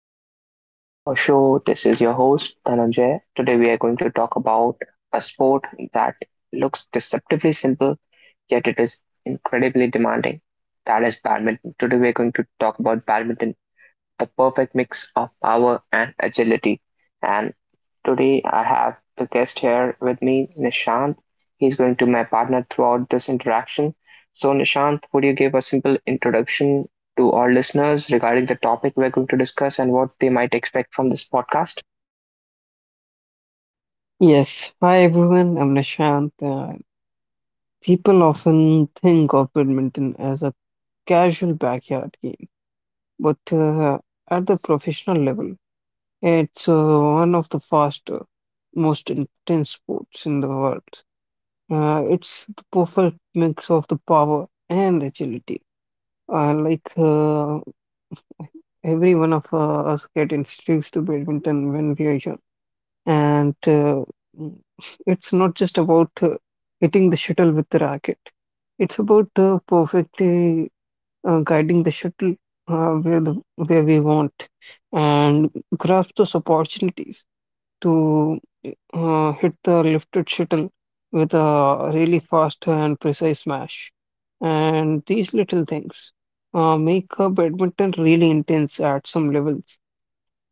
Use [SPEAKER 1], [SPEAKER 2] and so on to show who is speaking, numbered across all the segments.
[SPEAKER 1] guys. Welcome back to our show. This is your host, Dhananjay. Today, we are going to talk about a sport that looks deceptively simple, yet it is incredibly demanding. That is badminton. Today, we are going to talk about badminton, the perfect mix of power and agility. And today I have a guest here with me, Nishant. He's going to be my partner throughout this interaction. So, Nishant, would you give a simple introduction to our listeners regarding the topic we're going to discuss and what they might expect from this podcast?
[SPEAKER 2] Yes. Hi everyone, I'm Nishant. People often think of badminton as a casual backyard game, but at the professional level, it's one of the faster, most intense sports in the world. It's the perfect mix of the power and agility. Uh, like uh, every one of us get introduced to badminton when we are young. And uh, mm, it's not just about hitting the shuttle with the racket. It's about perfectly guiding the shuttle where we want, and grasp those opportunities to hit the lifted shuttle with a really fast and precise smash. And these little things make a badminton really intense at some levels.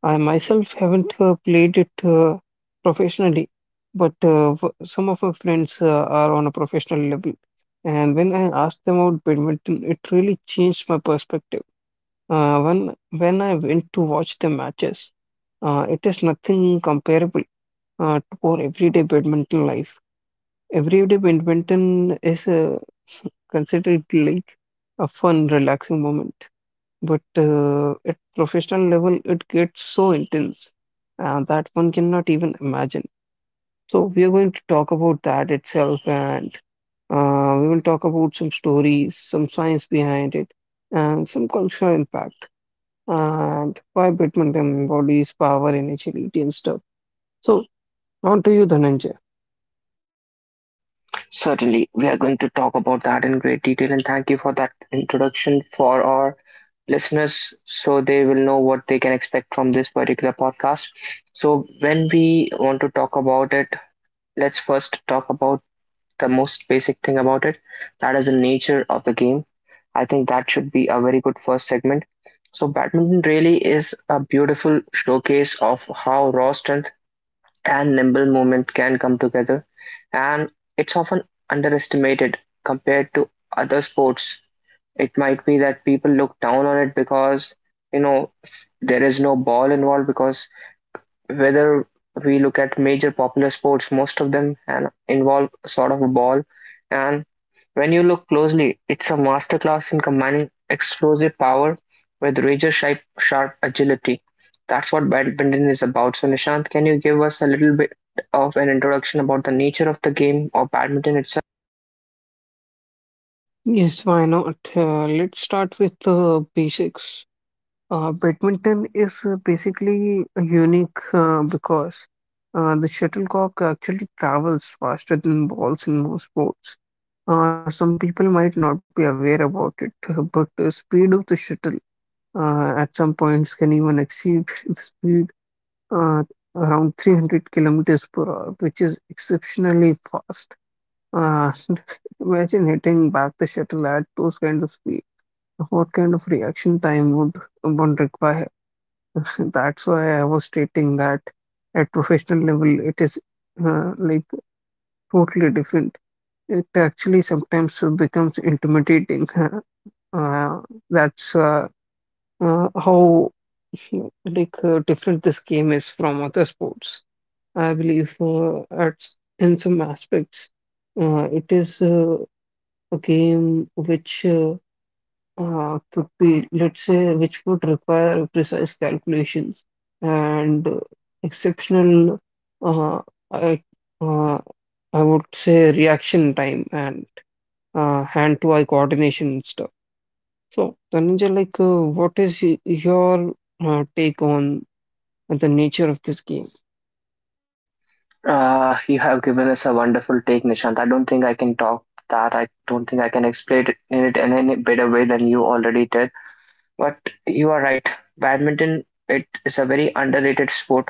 [SPEAKER 2] I myself haven't played it professionally, but some of my friends are on a professional level. And when I asked them about badminton, it really changed my perspective. When I went to watch the matches, it is nothing comparable to our everyday badminton life. Everyday badminton is considered like a fun, relaxing moment. But at professional level, it gets so intense that one cannot even imagine. So we are going to talk about that itself, and we will talk about some stories, some science behind it, and some cultural impact, and why badminton embodies power and agility and stuff. So on to you, Dhananjay.
[SPEAKER 1] Certainly, we are going to talk about that in great detail, and thank you for that introduction for our listeners so they will know what they can expect from this particular podcast. So, when we want to talk about it, let's first talk about the most basic thing about it. That is the nature of the game. I think that should be a very good first segment. So, badminton really is a beautiful showcase of how raw strength and nimble movement can come together, and it's often underestimated compared to other sports. It might be that people look down on it because, you know, there is no ball involved, because whether we look at major popular sports, most of them involve sort of a ball. And when you look closely, it's a masterclass in combining explosive power with razor sharp, sharp agility. That's what badminton is about. So, Nishant, can you give us a little bit of an introduction about the nature of the game or badminton itself?
[SPEAKER 2] Yes, why not? Let's start with the basics. Badminton is basically unique because the shuttlecock actually travels faster than balls in most sports. Some people might not be aware about it, but the speed of the shuttle at some points can even exceed the speed uh, around 300 kilometers per hour, which is exceptionally fast. Uh, Imagine hitting back the shuttle at those kinds of speed. What kind of reaction time would one require? That's why I was stating that at professional level, it is uh, like totally different. It actually sometimes becomes intimidating. Uh, that's How different this game is from other sports. I believe in some aspects, it is a game which could be, let's say, which would require precise calculations and exceptional, uh, I, uh, I would say, reaction time and hand-to-eye coordination and stuff. So, Dhananjay, like, your take on the nature of this game?
[SPEAKER 1] You have given us a wonderful take, Nishant. I don't think I can talk that. I don't think I can explain it in any better way than you already did. But you are right. Badminton, it is a very underrated sport,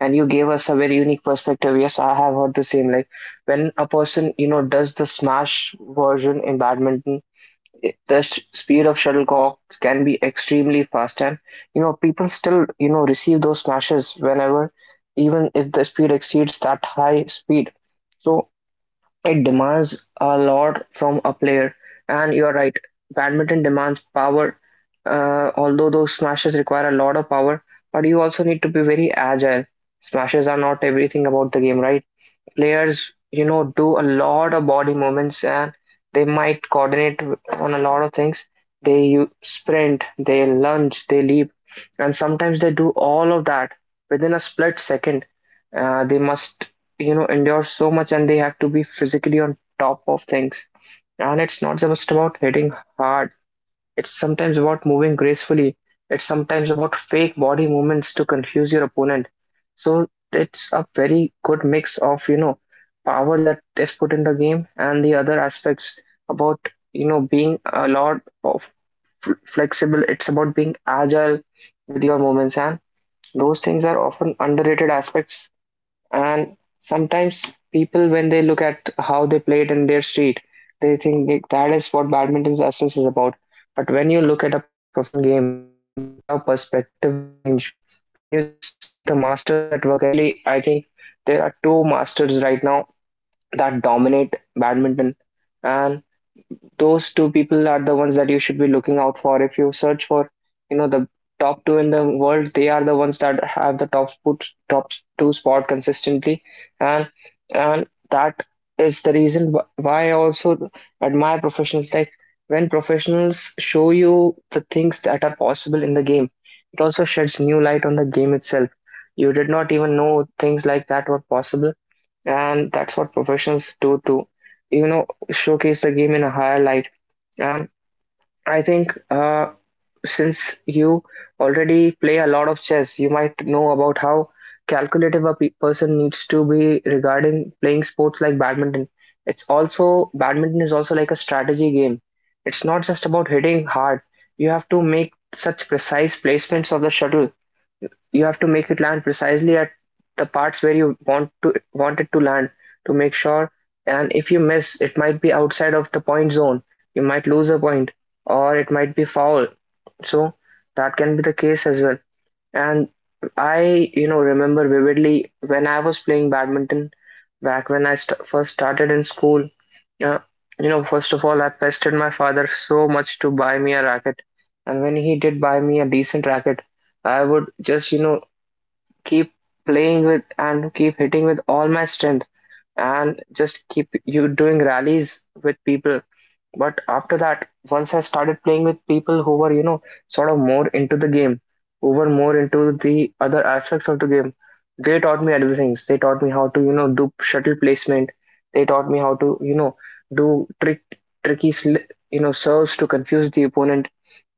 [SPEAKER 1] and you gave us a very unique perspective. Yes, I have heard the same. Like when a person, you know, does the smash version in badminton, the speed of shuttlecock can be extremely fast, and, you know, people still, you know, receive those smashes whenever, even if the speed exceeds that high speed. So it demands a lot from a player, and you're right. Badminton demands power. Although those smashes require a lot of power, but you also need to be very agile. Smashes are not everything about the game, right? Players, you know, do a lot of body movements and they might coordinate on a lot of things. They sprint, they lunge, they leap, and sometimes they do all of that within a split second. They must, you know, endure so much and they have to be physically on top of things. And it's not just about hitting hard, it's sometimes about moving gracefully. It's sometimes about fake body movements to confuse your opponent. So it's a very good mix of, you know, power that is put in the game and the other aspects about, you know, being a lot of flexible. It's about being agile with your movements, and those things are often underrated aspects. And sometimes people, when they look at how they play it in their street, they think that is what badminton's essence is about. But when you look at a professional game, your perspective will change. When you see the masters at work, especially, I think there are two masters right now that dominate badminton, and those two people are the ones that you should be looking out for. If you search for, you know, the top two in the world, they are the ones that have the top spot, top two spot consistently, and and that is the reason why I also admire professionals. Like when professionals show you the things that are possible in the game, it also sheds new light on the game itself. You did not even know things like that were possible, and that's what professions do to, you know, showcase the game in a higher light. And I think since you already play a lot of chess, you might know about how calculative a person needs to be regarding playing sports like badminton. It's also, badminton is also like a strategy game. It's not just about hitting hard. You have to make such precise placements of the shuttle. You have to make it land precisely at the parts where you want it to land, to make sure. And if you miss, it might be outside of the point zone. You might lose a point, or it might be foul. So that can be the case as well. And I, you know, remember vividly when I was playing badminton, back when I first started in school. uh, you know, first of all, I pestered my father so much to buy me a racket, and when he did buy me a decent racket, I would just, you know, keep playing with and keep hitting with all my strength, and just keep you doing rallies with people. But after that, once I started playing with people who were, you know, sort of more into the game, who were more into the other aspects of the game, they taught me other things. They taught me how to, you know, do shuttle placement. They taught me how to, you know, do tricky you know, serves to confuse the opponent.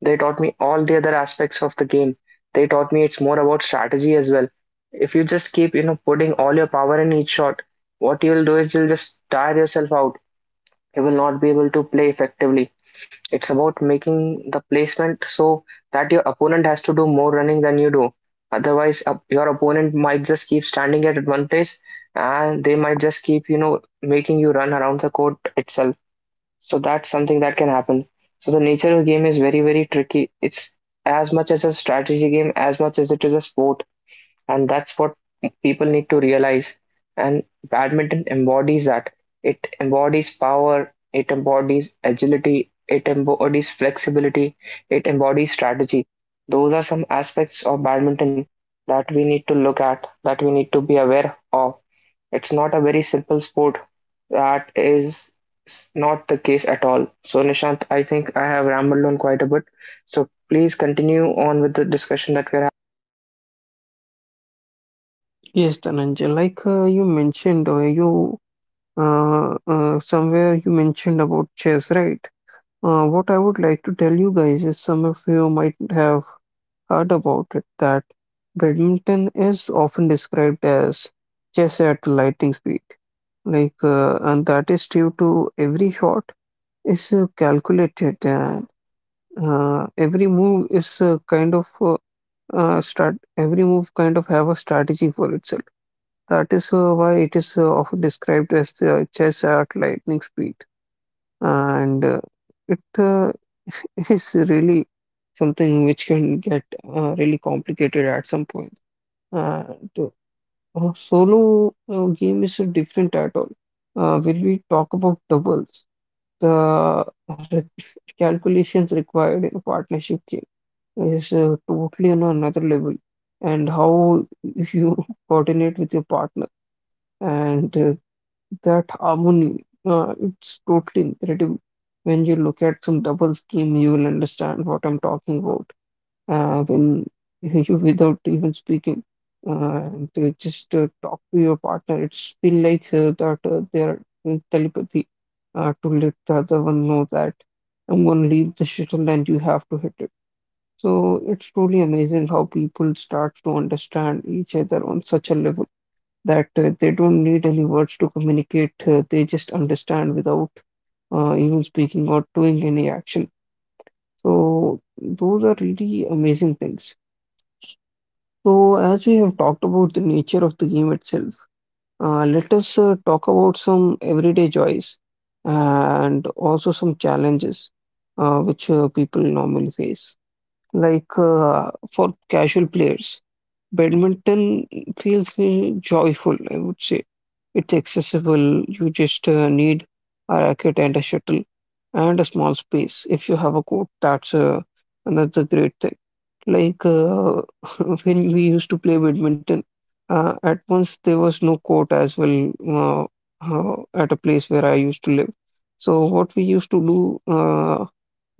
[SPEAKER 1] They taught me all the other aspects of the game. They taught me it's more about strategy as well. If you just keep, you know, putting all your power in each shot, what you'll do is you'll just tire yourself out. You will not be able to play effectively. It's about making the placement so that your opponent has to do more running than you do. Otherwise, your opponent might just keep standing at one place and they might just keep, you know, making you run around the court itself. So that's something that can happen. So the nature of the game is very, very tricky. It's as much as a strategy game, as much as it is a sport, and that's what people need to realize. And badminton embodies that. It embodies power, it embodies agility, it embodies flexibility, it embodies strategy. Those are some aspects of badminton that we need to look at, that we need to be aware of. It's not a very simple sport. That is not the case at all. So, Nishant, I think I have rambled on quite a bit. So, please continue on with the discussion that we're having.
[SPEAKER 2] Yes, Dhananjay, like you mentioned, you somewhere you mentioned about chess, right? What I would like to tell you guys is some of you might have heard about it that badminton is often described as chess at lightning speed. And that is due to every shot is calculated and every move is kind of strat every move kind of have a strategy for itself. That is why it is often described as the chess at lightning speed, and it is really something which can get really complicated at some point. And solo game is different at all. When we talk about doubles, the re- calculations required in a partnership game is totally on another level, and how you coordinate with your partner and that harmony, it's totally incredible. When you look at some doubles game, you will understand what I'm talking about. When you, without even speaking, uh, and to just talk to your partner, it's feel like that they're in telepathy to let the other one know that I'm going to leave the shuttle and you have to hit it. So it's truly amazing how people start to understand each other on such a level that they don't need any words to communicate. They just understand without even speaking or doing any action. So those are really amazing things. So as we have talked about the nature of the game itself, let us talk about some everyday joys and also some challenges which people normally face for casual players. Badminton feels joyful, I would say. It's accessible. You just need a racket and a shuttle and a small space. If you have a court, that's another great thing. Like uh, when we used to play badminton, at once there was no court as well at a place where I used to live. So what we used to do.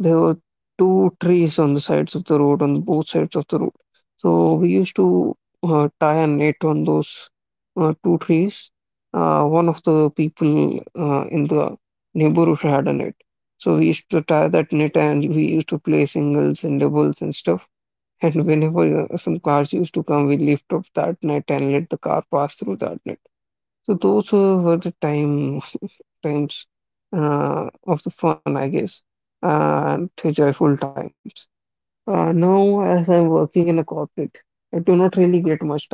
[SPEAKER 2] There were two trees on the sides of the road, on both sides of the road. So we used to tie a net on those two trees. One of the people in the neighborhood had a net. So we used to tie that net and we used to play singles and doubles and stuff. And whenever some cars used to come, we lift up that net and let the car pass through that net. So those were the time times of the fun, I guess, and the joyful times. Now, as I'm working in a corporate, I do not really get much time,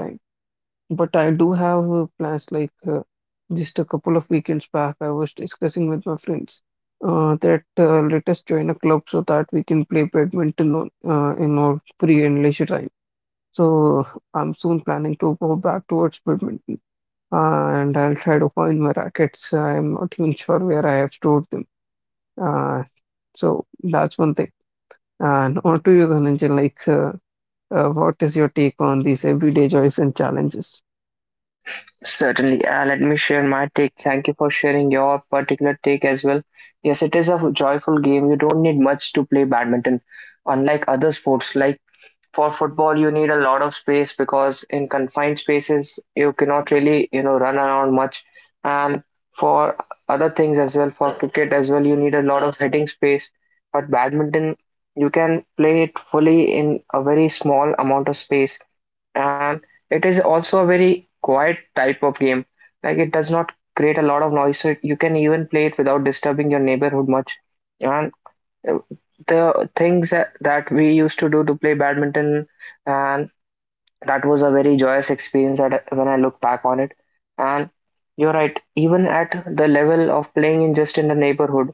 [SPEAKER 2] but I do have plans. Just a couple of weekends back, I was discussing with my friends that let us join a club so that we can play badminton on, in our free and leisure time. So I'm soon planning to go back towards badminton. And I'll try to find my rackets. I'm not even sure where I have stored them. Uh, so that's one thing. And on to you, Dhananjay, like, what is your take on these everyday joys and challenges?
[SPEAKER 1] Certainly, let me share my take. Thank you for sharing your particular take as well. Yes, it is a joyful game. You don't need much to play badminton. Unlike other sports, like for football, you need a lot of space, because in confined spaces you cannot really, you know, run around much. And for other things as well, for cricket as well, you need a lot of heading space. But badminton, you can play it fully in a very small amount of space. And it is also a very quiet type of game. Like, it does not create a lot of noise, so you can even play it without disturbing your neighborhood much. And the things that we used to do to play badminton, and that was a very joyous experience, that when I look back on it. And you're right, even at the level of playing in just in the neighborhood,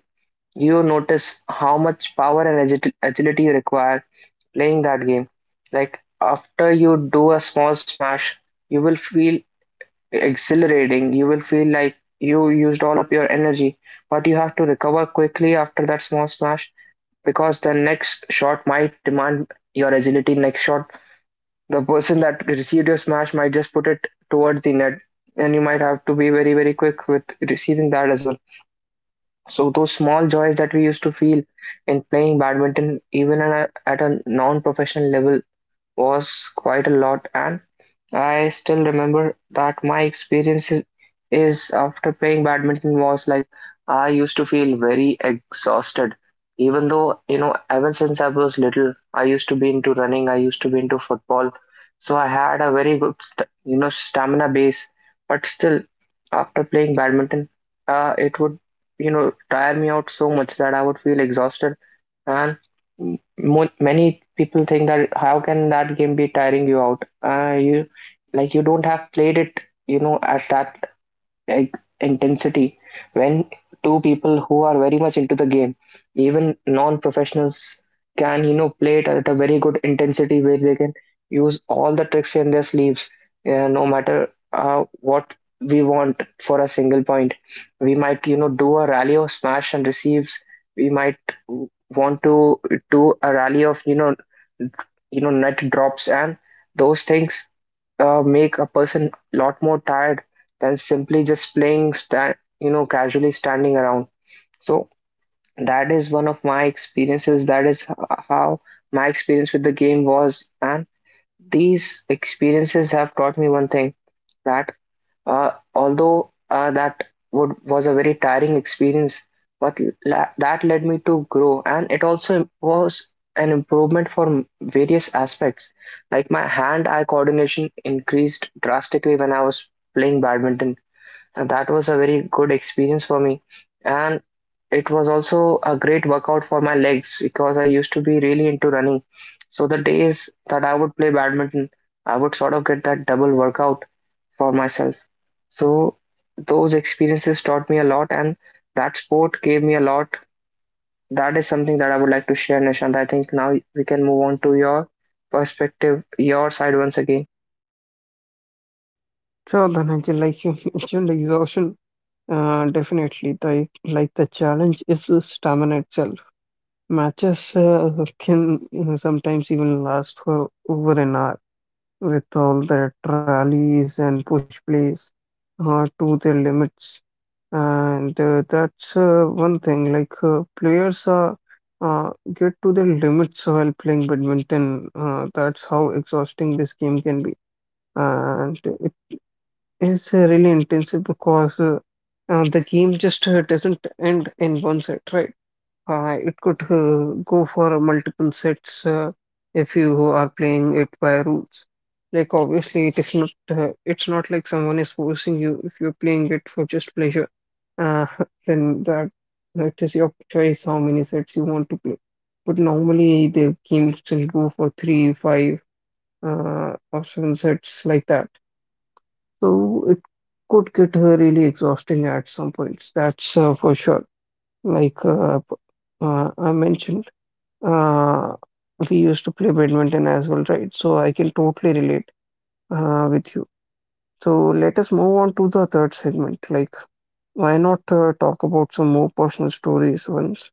[SPEAKER 1] you notice how much power and agility you require playing that game. Like after you do a small smash, you will feel exhilarating, you will feel like you used all up your energy, but you have to recover quickly after that small smash, because the next shot might demand your agility. Next shot, the person that received your smash might just put it towards the net, and you might have to be very, very quick with receiving that as well. So, those small joys that we used to feel in playing badminton, even at a non professional level, was quite a lot. And I still remember that my experience is after playing badminton was like I used to feel very exhausted. Even though, you know, ever since I was little, I used to be into running, I used to be into football. So I had a very good, st you know, stamina base. But still, after playing badminton, it would, you know, tire me out so much that I would feel exhausted. And mo many people think that how can that game be tiring you out? You like you don't have played it at that e- intensity. When two people who are very much into the game, even non-professionals, can play it at a very good intensity where they can use all the tricks in their sleeves, no matter what we want for a single point. We might do a rally of smash and receives. We might want to do a rally of net drops and those things. Make a person a lot more tired than simply just playing, stand you know casually standing around. So that is one of my experiences. That is how my experience with the game was, and these experiences have taught me one thing: that although that would was a very tiring experience, but that led me to grow, and it also was an improvement for various aspects, like my hand eye coordination increased drastically when I was playing badminton. And that was a very good experience for me. And it was also a great workout for my legs because I used to be really into running. So the days that I would play badminton, I would sort of get that double workout for myself. So those experiences taught me a lot, and that sport gave me a lot. That is something that I would like to share, Nishant. I think now we can move on to your perspective, your side once again.
[SPEAKER 2] Sure, Dhananjay, like you mentioned, exhaustion. Definitely, like the challenge is the stamina itself. Matches can, you know, sometimes even last for over an hour with all the trolleys and push plays to their limits. And that's one thing, like players get to their limits while playing badminton. That's how exhausting this game can be. And it is really intensive because the game just doesn't end in one set, right? It could go for multiple sets if you are playing it by rules. Like obviously, it is not. It's not like someone is forcing you. If you're playing it for just pleasure, uh, then that is your choice how many sets you want to play. But normally, the games will go for three, five, or seven sets like that. So it could get really exhausting at some points. That's for sure. Like uh, p- I mentioned. Uh, we used to play badminton as well, right? So I can totally relate with you. So let us move on to the third segment. Like, why not talk about some more personal stories once,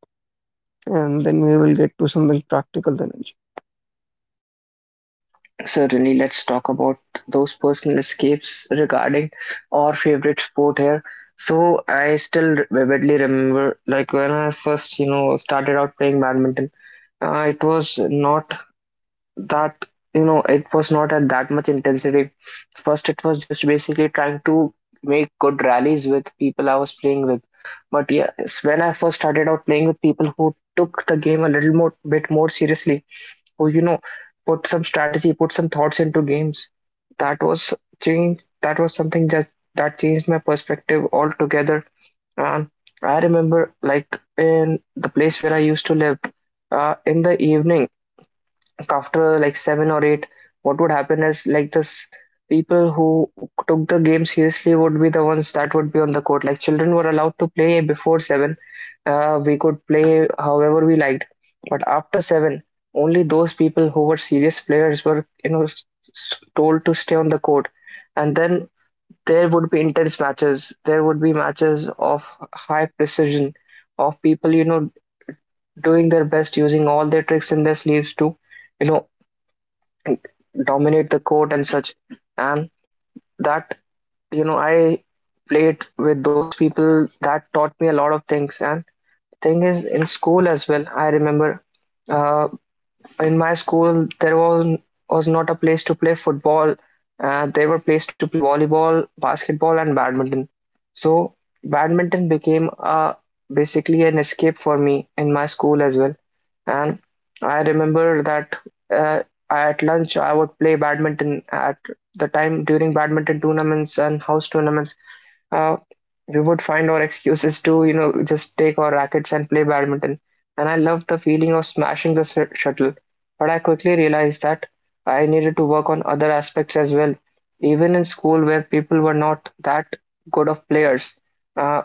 [SPEAKER 2] and then we will get to something practical then. Anju.
[SPEAKER 1] Certainly, let's talk about those personal escapes regarding our favorite sport here. So I still vividly remember, like when I first, started out playing badminton. It was not that, it was not at that much intensity. First, it was just basically trying to make good rallies with people I was playing with. But yes, when I first started out playing with people who took the game a little more bit more seriously, who put some strategy, put some thoughts into games. That was change. That was something that changed my perspective altogether. And I remember, like in the place where I used to live, in the evening after like 7 or 8, what would happen is like this: people who took the game seriously would be the ones that would be on the court. Like children were allowed to play before 7. We could play however we liked, but after 7, only those people who were serious players were told to stay on the court, and then there would be intense matches. There would be matches of high precision, of people doing their best, using all their tricks in their sleeves to you know dominate the court and such. And that, I played with those people that taught me a lot of things. And thing is, in school as well, I remember uh, in my school there was not a place to play football. There were place to play volleyball, basketball, and badminton. So badminton became a basically an escape for me in my school as well. And I remember that uh, at lunch I would play badminton at the time during badminton tournaments and house tournaments. Uh, we would find our excuses to just take our rackets and play badminton. And I loved the feeling of smashing the shuttle, but I quickly realized that I needed to work on other aspects as well. Even in school, where people were not that good of players, uh,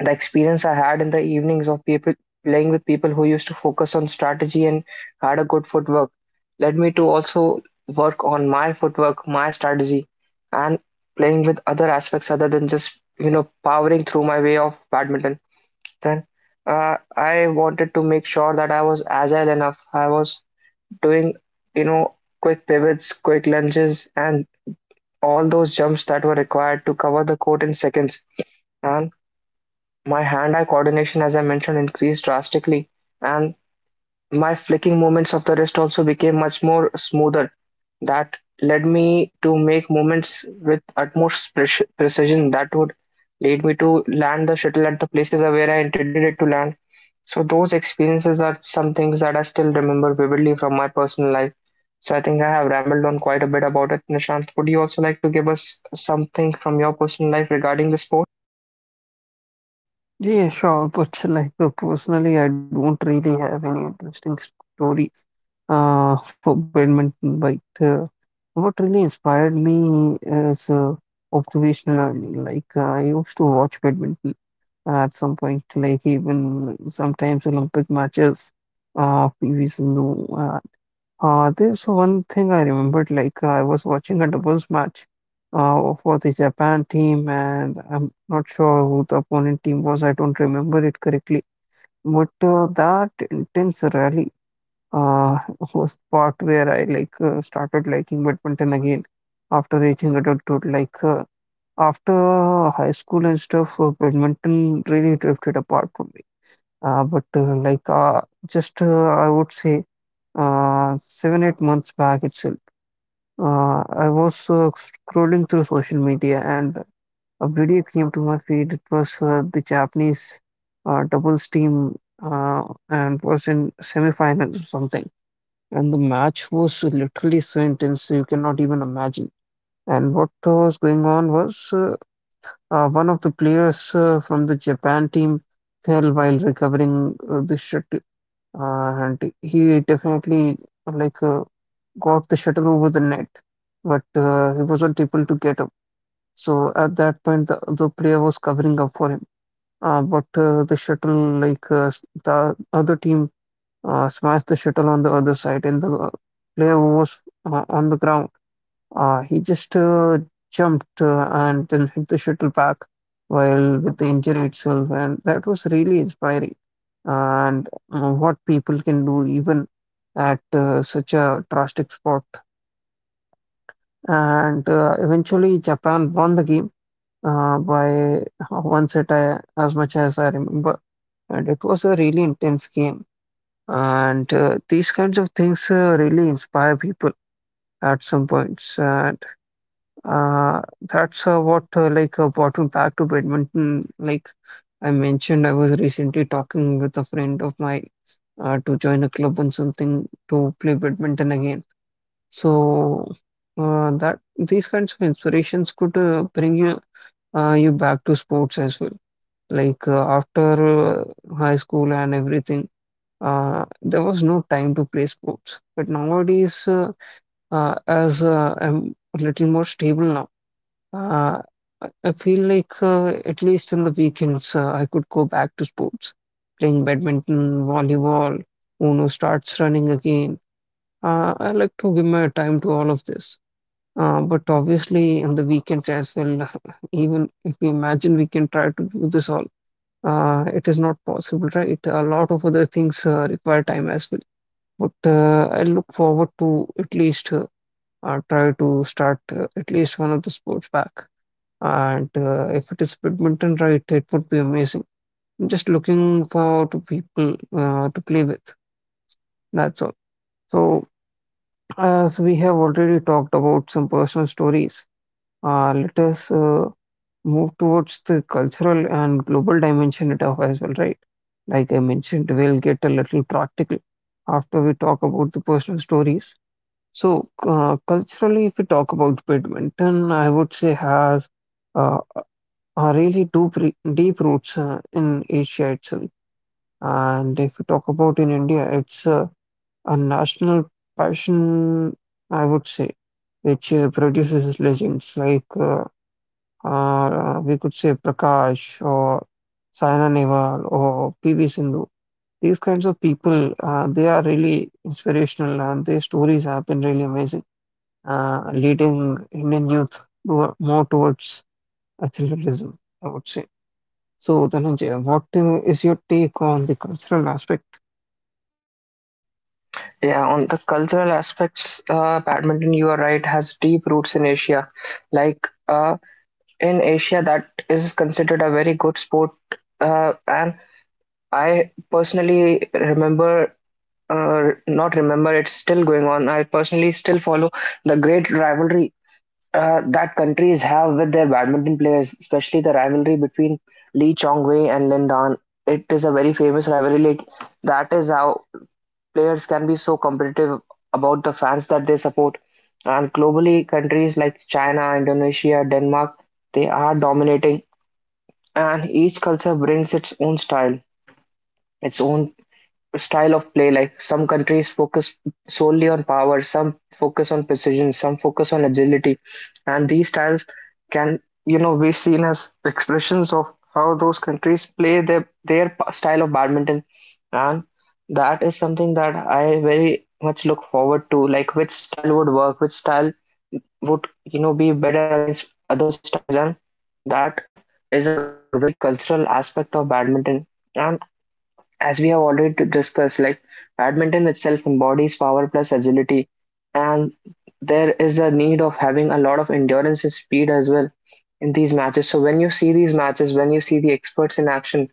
[SPEAKER 1] the experience I had in the evenings of people playing with people who used to focus on strategy and had a good footwork led me to also work on my footwork, my strategy, and playing with other aspects other than just powering through my way of badminton. Then I wanted to make sure that I was agile enough. I was doing quick pivots, quick lunges, and all those jumps that were required to cover the court in seconds. And my hand-eye coordination, as I mentioned, increased drastically, and my flicking movements of the wrist also became much more smoother, that led me to make movements with utmost precision that would lead me to land the shuttle at the places where I intended it to land. So those experiences are some things that I still remember vividly from my personal life. So I think I have rambled on quite a bit about it. Nishant, would you also like to give us something from your personal life regarding the sport?
[SPEAKER 2] Yeah, sure, but personally, I don't really have any interesting stories for badminton. But what really inspired me is observational learning. I used to watch badminton at some point, like even sometimes Olympic matches, PVs and there's one thing I remembered, like I was watching a doubles match, for the Japan team, and I'm not sure who the opponent team was. I don't remember it correctly, but that intense rally, uh, was the part where I started liking badminton again after reaching adulthood, like. After high school and stuff, badminton really drifted apart from me. But like just I would say 7 8 months back itself, I was scrolling through social media and a video came to my feed. It was the Japanese doubles team uh, and was in semifinals or something. And the match was literally so intense you cannot even imagine. And what was going on was. One of the players from the Japan team fell while recovering the shuttle, and he definitely like uh, got the shuttle over the net, but he wasn't able to get up. So at that point, the other player was covering up for him. But the shuttle, the other team, smashed the shuttle on the other side, and the player who was on the ground he just jumped and then hit the shuttle back while with the injury itself, and that was really inspiring. And what people can do even at such a drastic spot. And eventually, Japan won the game by one set, as much as I remember. And it was a really intense game. And These kinds of things really inspire people at some points. And Uh, that's what brought me back to badminton. Like I mentioned, I was recently talking with a friend of mine to join a club and something to play badminton again. So, that these kinds of inspirations could bring you back to sports as well. Like after high school and everything, there was no time to play sports. But nowadays, as I'm a little more stable now. Uh, I feel like at least in the weekends, I could go back to sports, playing badminton, volleyball, Uno starts running again. I like to give my time to all of this. But obviously, in the weekends as well, even if we imagine we can try to do this all, it is not possible, right? A lot of other things require time as well. But I look forward to at least try to start at least one of the sports back. And If it is badminton, right, it would be amazing. I'm just looking for two people to play with. That's all. So, as we have already talked about some personal stories, let us move towards the cultural and global dimension it have as well, right? Like I mentioned, we'll get a little practical after we talk about the personal stories. So, culturally, if we talk about badminton, I would say has uh, are really deep, deep roots in Asia itself. And if you talk about in India, it's a national passion, I would say, which produces legends like we could say Prakash or Saina Nehwal or PV Sindhu. These kinds of people, they are really inspirational and their stories have been really amazing, leading Indian youth to, more towards athleticism, I would say. So, Dhananjay, what is your take on the cultural aspect?
[SPEAKER 1] Yeah, on the cultural aspects, badminton, you are right, has deep roots in Asia. Like in Asia that is considered a very good sport. And I personally remember, not remember, it's still going on. I personally still follow the great rivalry that countries have with their badminton players, especially the rivalry between Lee Chong Wei and Lin Dan. It is a very famous rivalry. Like, that is how players can be so competitive about the fans that they support. And globally, countries like China, Indonesia, Denmark, they are dominating, and each culture brings its own style of play. Like some countries focus solely on power, some focus on precision, some focus on agility, and these styles can be seen as expressions of how those countries play style of badminton, and that is something that I very much look forward to. Like which style would work, which style would be better against other styles. And that is a very good cultural aspect of badminton. And as we have already discussed, like badminton itself embodies power plus agility, and there is a need of having a lot of endurance and speed as well in these matches. So when you see these matches, when you see the experts in action,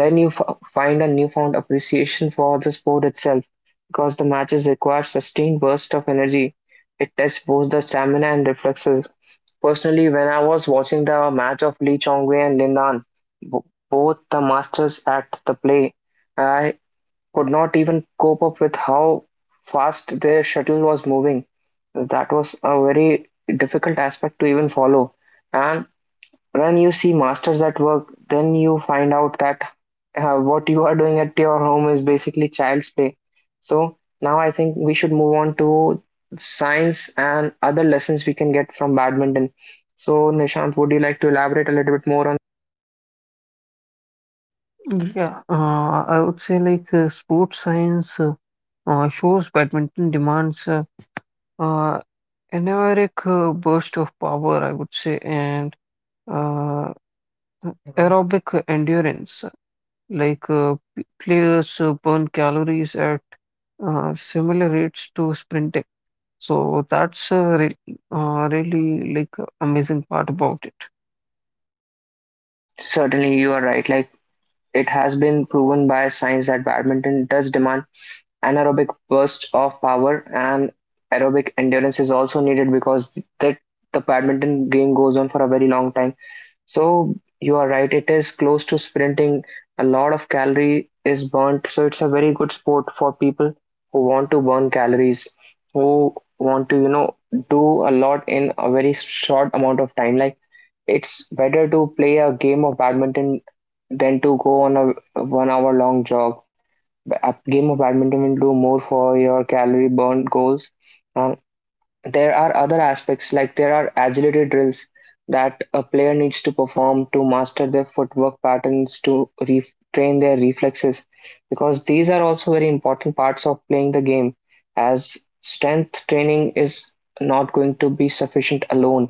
[SPEAKER 1] then you find a newfound appreciation for the sport itself, because the matches require sustained bursts of energy. It tests both the stamina and reflexes. Personally, when I was watching the match of Lee Chong Wei and Lin Nan, b- both the masters at the play, I could not even cope up with how fast their shuttle was moving. That was a very difficult aspect to even follow. And when you see masters at work, then you find out that what you are doing at your home is basically child's play. So now I think we should move on to science and other lessons we can get from badminton. So Nishant, would you like to elaborate a little bit more on?
[SPEAKER 2] Yeah, I would say like sports science shows badminton demands uh, an burst of power, I would say, and uh, aerobic endurance. Like players burn calories at similar rates to sprinting. So that's re really like amazing part about it.
[SPEAKER 1] Certainly, you are right. Like it has been proven by science that badminton does demand anaerobic bursts of power, and aerobic endurance is also needed, because that the badminton game goes on for a very long time. So you are right, it is close to sprinting. A lot of calorie is burnt, so it's a very good sport for people who want to burn calories, who want to, do a lot in a very short amount of time. Like it's better to play a game of badminton than to go on a 1 hour long jog. A game of badminton will do more for your calorie burn goals. Um, there are other aspects, like there are agility drills that a player needs to perform to master their footwork patterns, to retrain their reflexes, because these are also very important parts of playing the game, as strength training is not going to be sufficient alone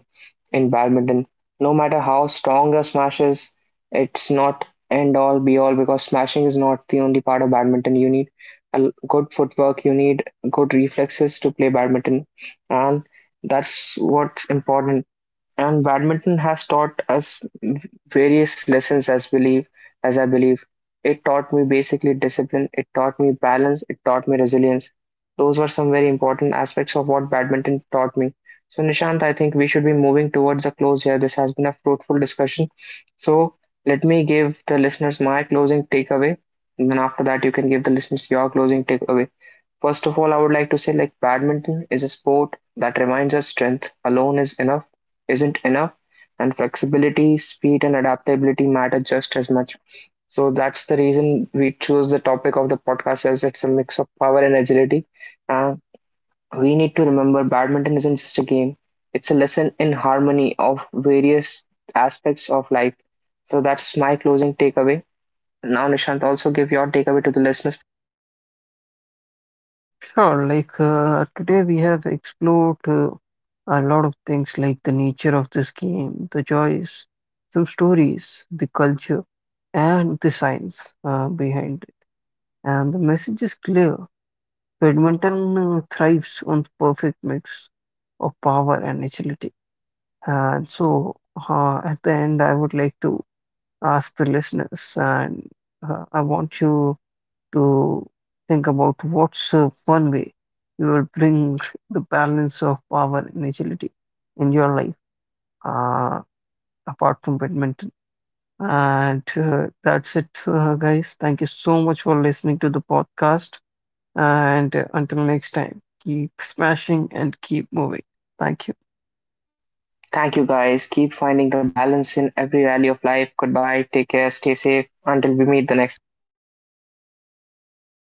[SPEAKER 1] in badminton. No matter how strong your smash is, it's not end all be all, because smashing is not the only part of badminton. You need a good footwork, you need good reflexes to play badminton, and that's what's important. And badminton has taught us various lessons, as I believe. It taught me basically discipline, it taught me balance, it taught me resilience. Those were some very important aspects of what badminton taught me. So Nishant, I think we should be moving towards a close here. This has been a fruitful discussion. So let me give the listeners my closing takeaway, and then after that you can give the listeners your closing takeaway. First of all, I would like to say, like badminton is a sport that reminds us strength alone isn't enough, and flexibility, speed, and adaptability matter just as much. So that's the reason we choose the topic of the podcast as it's a mix of power and agility. Uh, we need to remember badminton isn't just a game; it's a lesson in harmony of various aspects of life. So that's my closing takeaway. Now, Nishant, also give your takeaway to the listeners.
[SPEAKER 2] Sure, like today we have explored a lot of things like the nature of this game, the joys, some stories, the culture, and the science behind it. And the message is clear. Badminton thrives on the perfect mix of power and agility. And so, at the end, I would like to ask the listeners, and I want you to think about what's one way you will bring the balance of power and agility in your life uh, apart from badminton. And That's it, guys. Thank you so much for listening to the podcast. And until next time, keep smashing and keep moving. Thank you.
[SPEAKER 1] Thank you guys. Keep finding the balance in every rally of life. Goodbye. Take care. Stay safe. Until we meet the next.